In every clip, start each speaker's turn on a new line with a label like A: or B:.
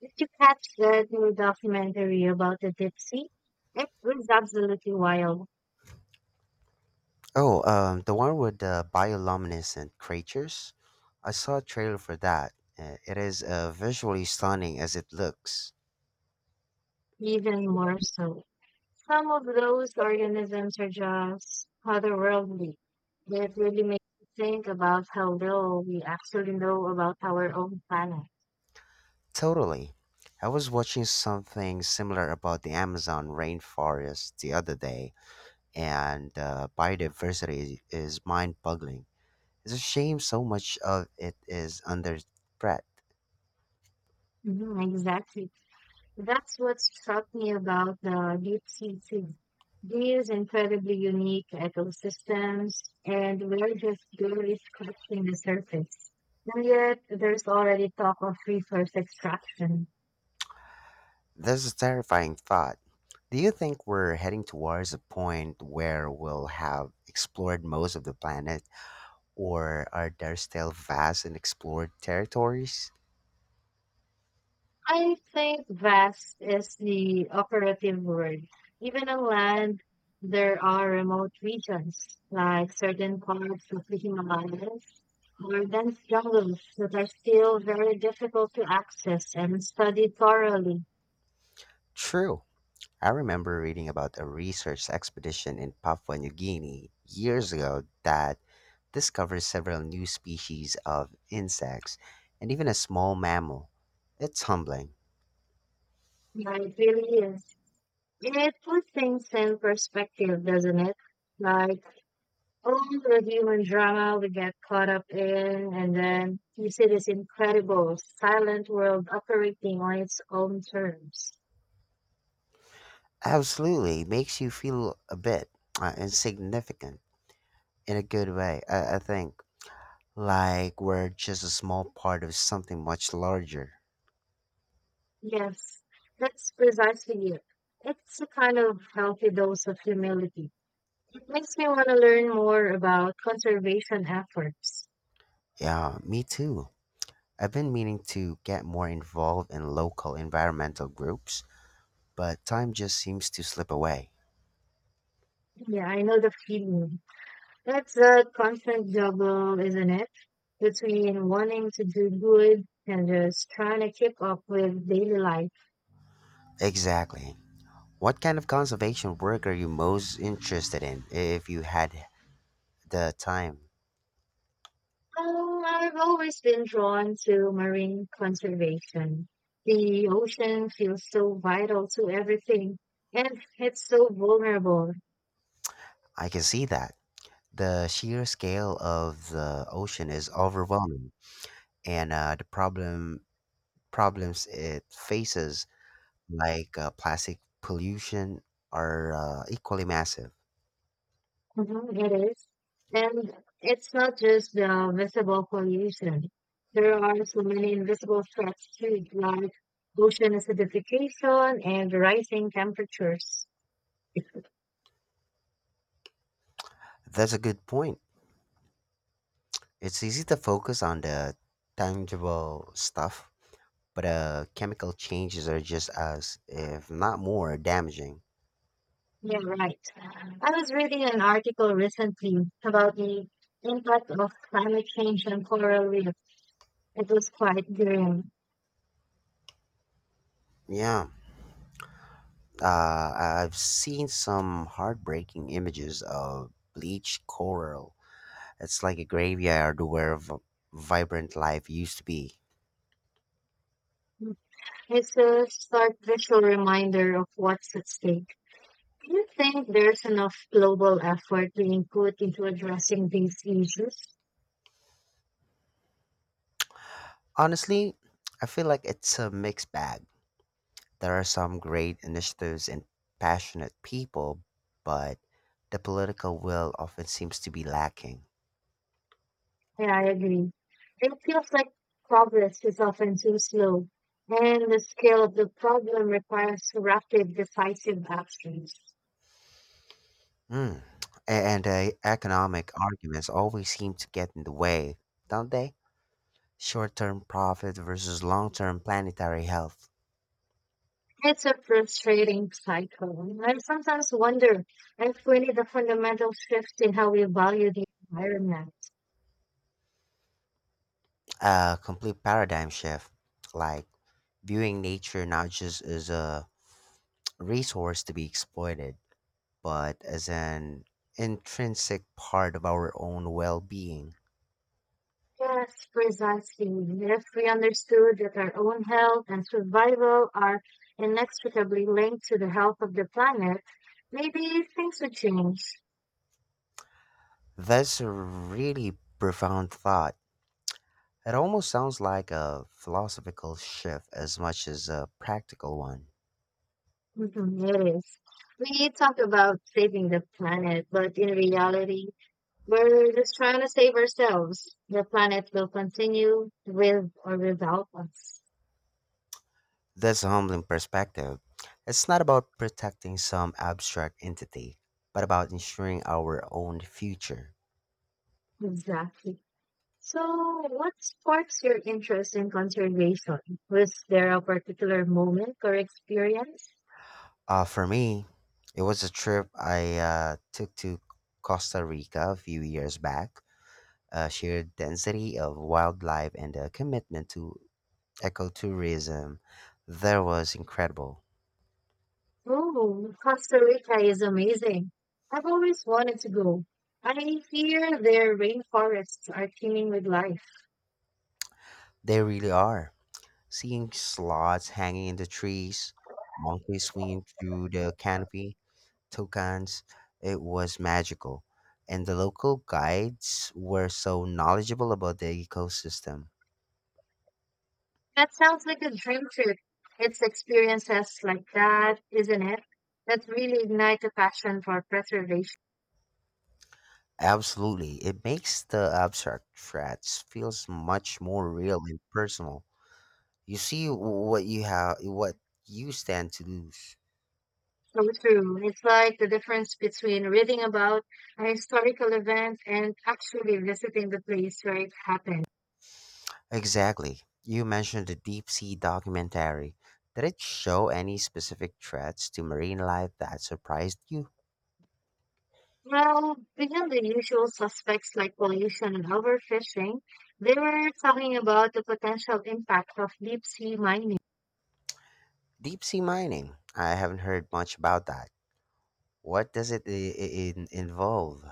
A: Did you catch that new documentary about the deep sea? It was absolutely wild,
B: Oh, the one with the bioluminescent creatures. I saw a trailer for that. It is visually stunning as it looks.
A: even more so. Some of those organisms are just otherworldly. It really makes you think about how little we actually know about our own planet.
B: Totally. I was watching something similar about the Amazon rainforest the other day, and biodiversity is mind boggling. It's a shame so much of it is under threat.
A: Mhm, exactly. That's what struck me about the deep sea too. These incredibly unique ecosystems, and we're just barely scratching the surface. And yet, there's already talk of resource extraction.
B: That's a terrifying thought. Do you think we're heading towards a point where we'll have explored most of the planet? Or are there still vast and explored territories?
A: I think vast is the operative word. Even on land, there are remote regions, like certain parts of the Himalayas or dense jungles that are still very difficult to access and study thoroughly.
B: True. I remember reading about a research expedition in Papua New Guinea years ago that discovered several new species of insects and even a small mammal. It's humbling.
A: But it really is. It puts things in perspective, doesn't it? Like all the human drama we get caught up in, and then you see this incredible silent world operating on its own terms.
B: Absolutely. It makes you feel a bit insignificant in a good way, I think. Like we're just a small part of something much larger.
A: Yes, that's precisely it. It's a kind of healthy dose of humility. It makes me want to learn more about conservation efforts.
B: Yeah, me too. I've been meaning to get more involved in local environmental groups, but time just seems to slip away.
A: Yeah, I know the feeling. That's a constant juggle, isn't it? Between wanting to do good and just trying to keep up with daily life.
B: Exactly. What kind of conservation work are you most interested in if you had the time?
A: I've always been drawn to marine conservation. The ocean feels so vital to everything, and it's so vulnerable.
B: I can see that. The sheer scale of the ocean is overwhelming, and the problems it faces like plastic pollution are equally massive.
A: Mhm, it is. And it's not just the visible pollution. There are so many invisible threats too, like ocean acidification and rising temperatures.
B: That's a good point. It's easy to focus on the tangible stuff, but chemical changes are just as, if not more, damaging.
A: Yeah, right. I was reading an article recently about the impact of climate change on coral reefs. It was quite grim.
B: Yeah, I've seen some heartbreaking images of bleached coral. It's like a graveyard where vibrant life used to be.
A: It's a stark visual reminder of what's at stake. Do you think there's enough global effort being put into addressing these issues?
B: Honestly, I feel like it's a mixed bag. There are some great initiatives and passionate people, but the political will often seems to be lacking.
A: Yeah, I agree. It feels like progress is often too slow, and the scale of the problem requires rapid, decisive actions.
B: Mm. And the economic arguments always seem to get in the way, don't they? Short term profit versus long term planetary health.
A: It's a frustrating cycle. I sometimes wonder if we need a fundamental shift in how we value the environment.
B: A complete paradigm shift, like viewing nature not just as a resource to be exploited, but as an intrinsic part of our own well being.
A: Yes, precisely. If we understood that our own health and survival are inextricably linked to the health of the planet, maybe things would change.
B: That's a really profound thought. It almost sounds like a philosophical shift as much as a practical one.
A: Mhm, it is. We talk about saving the planet, but in reality, we're just trying to save ourselves. The planet will continue with or without us.
B: That's a humbling perspective. It's not about protecting some abstract entity, but about ensuring our own future.
A: Exactly. So, what sparks your interest in conservation? Was there a particular moment or experience?
B: For me, it was a trip I took to Costa Rica a few years back. A sheer density of wildlife and a commitment to ecotourism there was incredible.
A: Oh, Costa Rica is amazing. I've always wanted to go. I hear their rainforests are teeming with life.
B: They really are. Seeing sloths hanging in the trees, monkeys swinging through the canopy, toucans, it was magical. And the local guides were so knowledgeable about the ecosystem.
A: That sounds like a dream trip. It's experiences like that, isn't it? That really ignite a passion for preservation.
B: Absolutely. It makes the abstract threats feels much more real and personal. You see what you have what you stand to lose.
A: So true. It's like the difference between reading about a historical event and actually visiting the place where it happened.
B: Exactly. You mentioned the deep sea documentary. Did it show any specific threats to marine life that surprised you?
A: Well, beyond the usual suspects like pollution and overfishing, they were talking about the potential impact of deep sea mining.
B: Deep sea mining. I haven't heard much about that. What does it involve?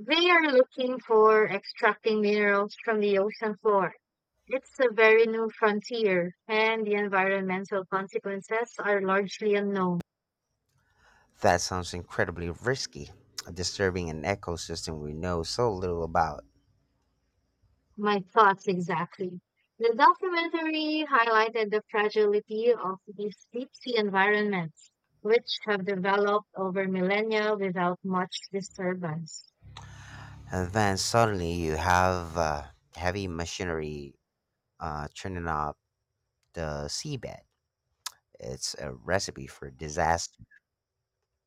A: They are looking for extracting minerals from the ocean floor. It's a very new frontier, and the environmental consequences are largely unknown.
B: That sounds incredibly risky, disturbing an ecosystem we know so little about.
A: My thoughts exactly. The documentary highlighted the fragility of these deep sea environments, which have developed over millennia without much disturbance.
B: And then suddenly you have heavy machinery churning up the seabed. It's a recipe for disaster.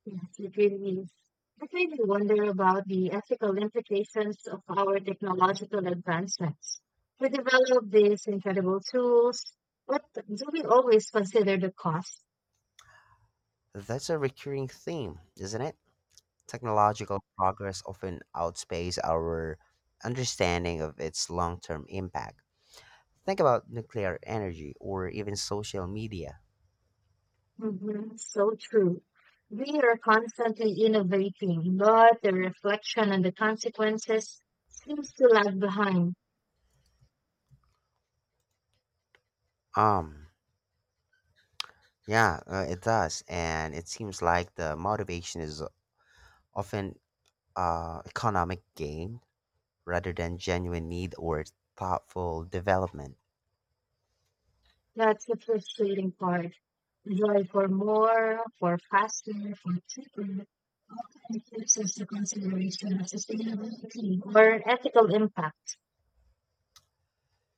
A: Yes, it really is. It made me wonder about the ethical implications of our technological advancements. We develop these incredible tools, but do we always consider the cost?
B: That's a recurring theme, isn't it? Technological progress often outpaces our understanding of its long term impact. Think about nuclear energy or even social media.
A: Mhm, so true. We are constantly innovating, but the reflection and the consequences seems to lag behind.
B: Um, yeah, it does. And it seems like the motivation is often economic gain rather than genuine need or thoughtful development.
A: That's the frustrating part. Joy for more, for faster, for cheaper, often refuses the consideration of sustainability or ethical impact.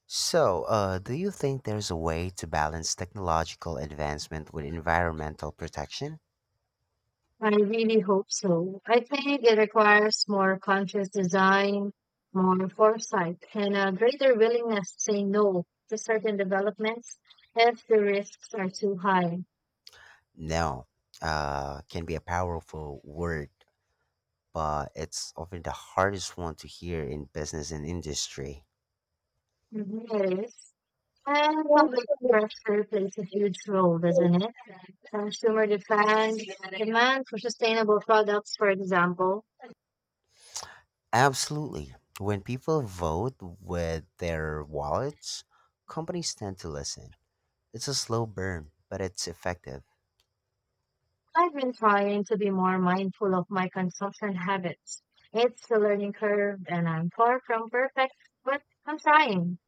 B: So, do you think there's a way to balance technological advancement with environmental protection?
A: I really hope so. I think it requires more conscious design, more foresight, and a greater willingness to say no to certain developments if the risks are too high.
B: No, can be a powerful word, but it's often the hardest one to hear in business and industry.
A: Mhm, it is. And public pressure plays a huge role, doesn't it? Consumer demand, demand for sustainable products, for example.
B: Absolutely. When people vote with their wallets, companies tend to listen. It's a slow burn, but it's effective.
A: I've been trying to be more mindful of my consumption habits. It's a learning curve, and I'm far from perfect, but I'm trying.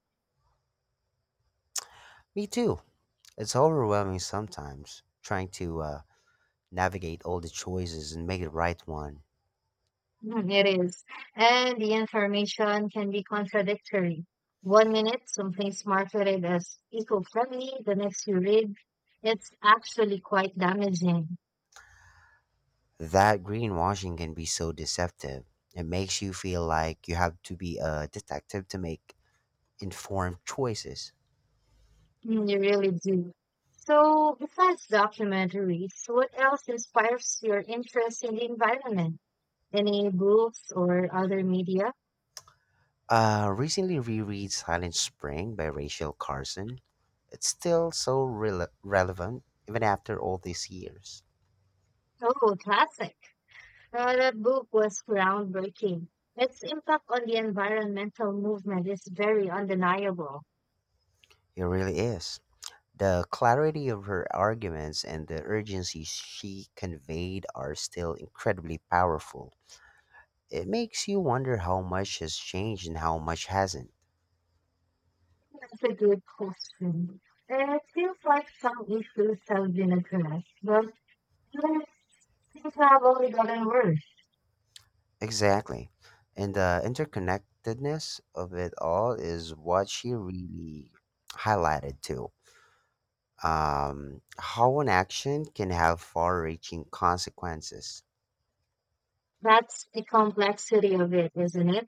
B: Me too. It's overwhelming sometimes trying to navigate all the choices and make the right one.
A: Mhm, it is. And the information can be contradictory. One minute, something's marketed as eco friendly, the next you read, it's actually quite damaging.
B: That greenwashing can be so deceptive. It makes you feel like you have to be a detective to make informed choices.
A: Mm, you really do. So, besides documentaries, what else inspires your interest in the environment? Any books or other media?
B: Recently reread Silent Spring by Rachel Carson. It's still so relevant even after all these years.
A: Oh, classic. That book was groundbreaking. Its impact on the environmental movement is very undeniable.
B: It really is. The clarity of her arguments and the urgency she conveyed are still incredibly powerful. It makes you wonder how much has changed and how much hasn't.
A: That's a good question. And it feels like some issues have been addressed, but others seem to have only gotten worse.
B: Exactly. And the interconnectedness of it all is what she really highlighted too. How an action can have far reaching consequences.
A: That's the complexity of it, isn't it?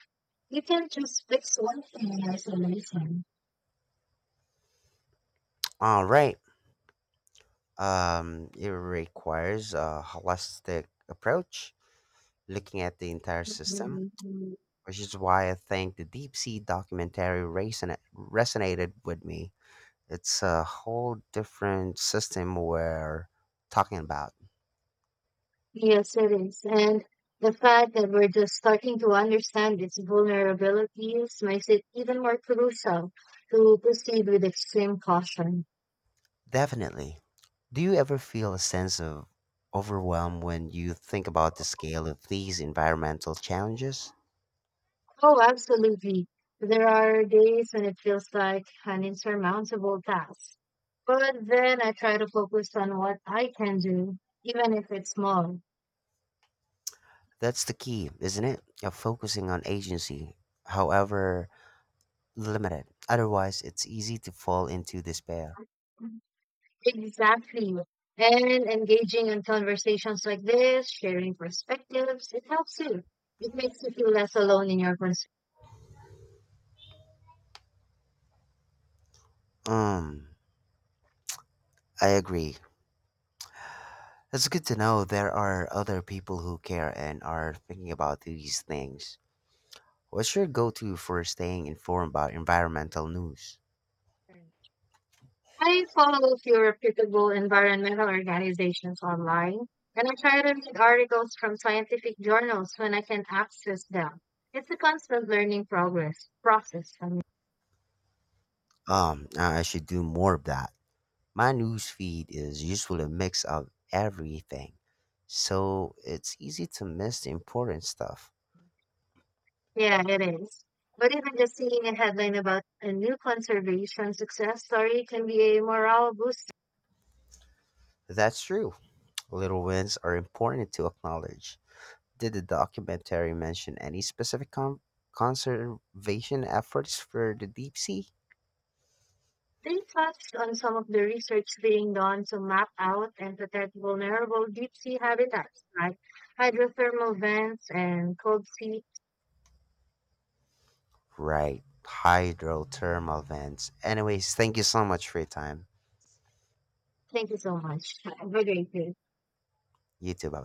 A: You can't just fix one thing in isolation.
B: All right. It requires a holistic approach, looking at the entire system, which is why I think the deep sea documentary resonated with me. It's a whole different system we're talking about.
A: Yes, it is. And the fact that we're just starting to understand its vulnerabilities makes it even more crucial to proceed with extreme caution.
B: Definitely. Do you ever feel a sense of overwhelm when you think about the scale of these environmental challenges?
A: Oh, absolutely. There are days when it feels like an insurmountable task. But then I try to focus on what I can do, even if it's small.
B: That's the key, isn't it? Of focusing on agency, however limited. Otherwise, it's easy to fall into despair.
A: Exactly. And engaging in conversations like this, sharing perspectives, it helps you. It makes you feel less alone in your concerns.
B: Um, I agree. It's good to know there are other people who care and are thinking about these things. What's your go-to for staying informed about environmental news?
A: I follow a few reputable environmental organizations online, and I try to read articles from scientific journals when I can access them. It's a constant learning progress process.
B: I should do more of that. My news feed is usually a mix of everything, so it's easy to miss the important stuff.
A: Yeah, it is. But even just seeing a headline about a new conservation success story can be a morale booster.
B: That's true. Little wins are important to acknowledge. Did the documentary mention any specific conservation efforts for the deep sea?
A: They touched on some of the research being done to map out and protect vulnerable deep sea habitats like hydrothermal vents and cold sea.
B: Right, hydrothermal vents. Anyways, thank you so much for your time.
A: Thank you so much. Have a great day.
B: You too, bye.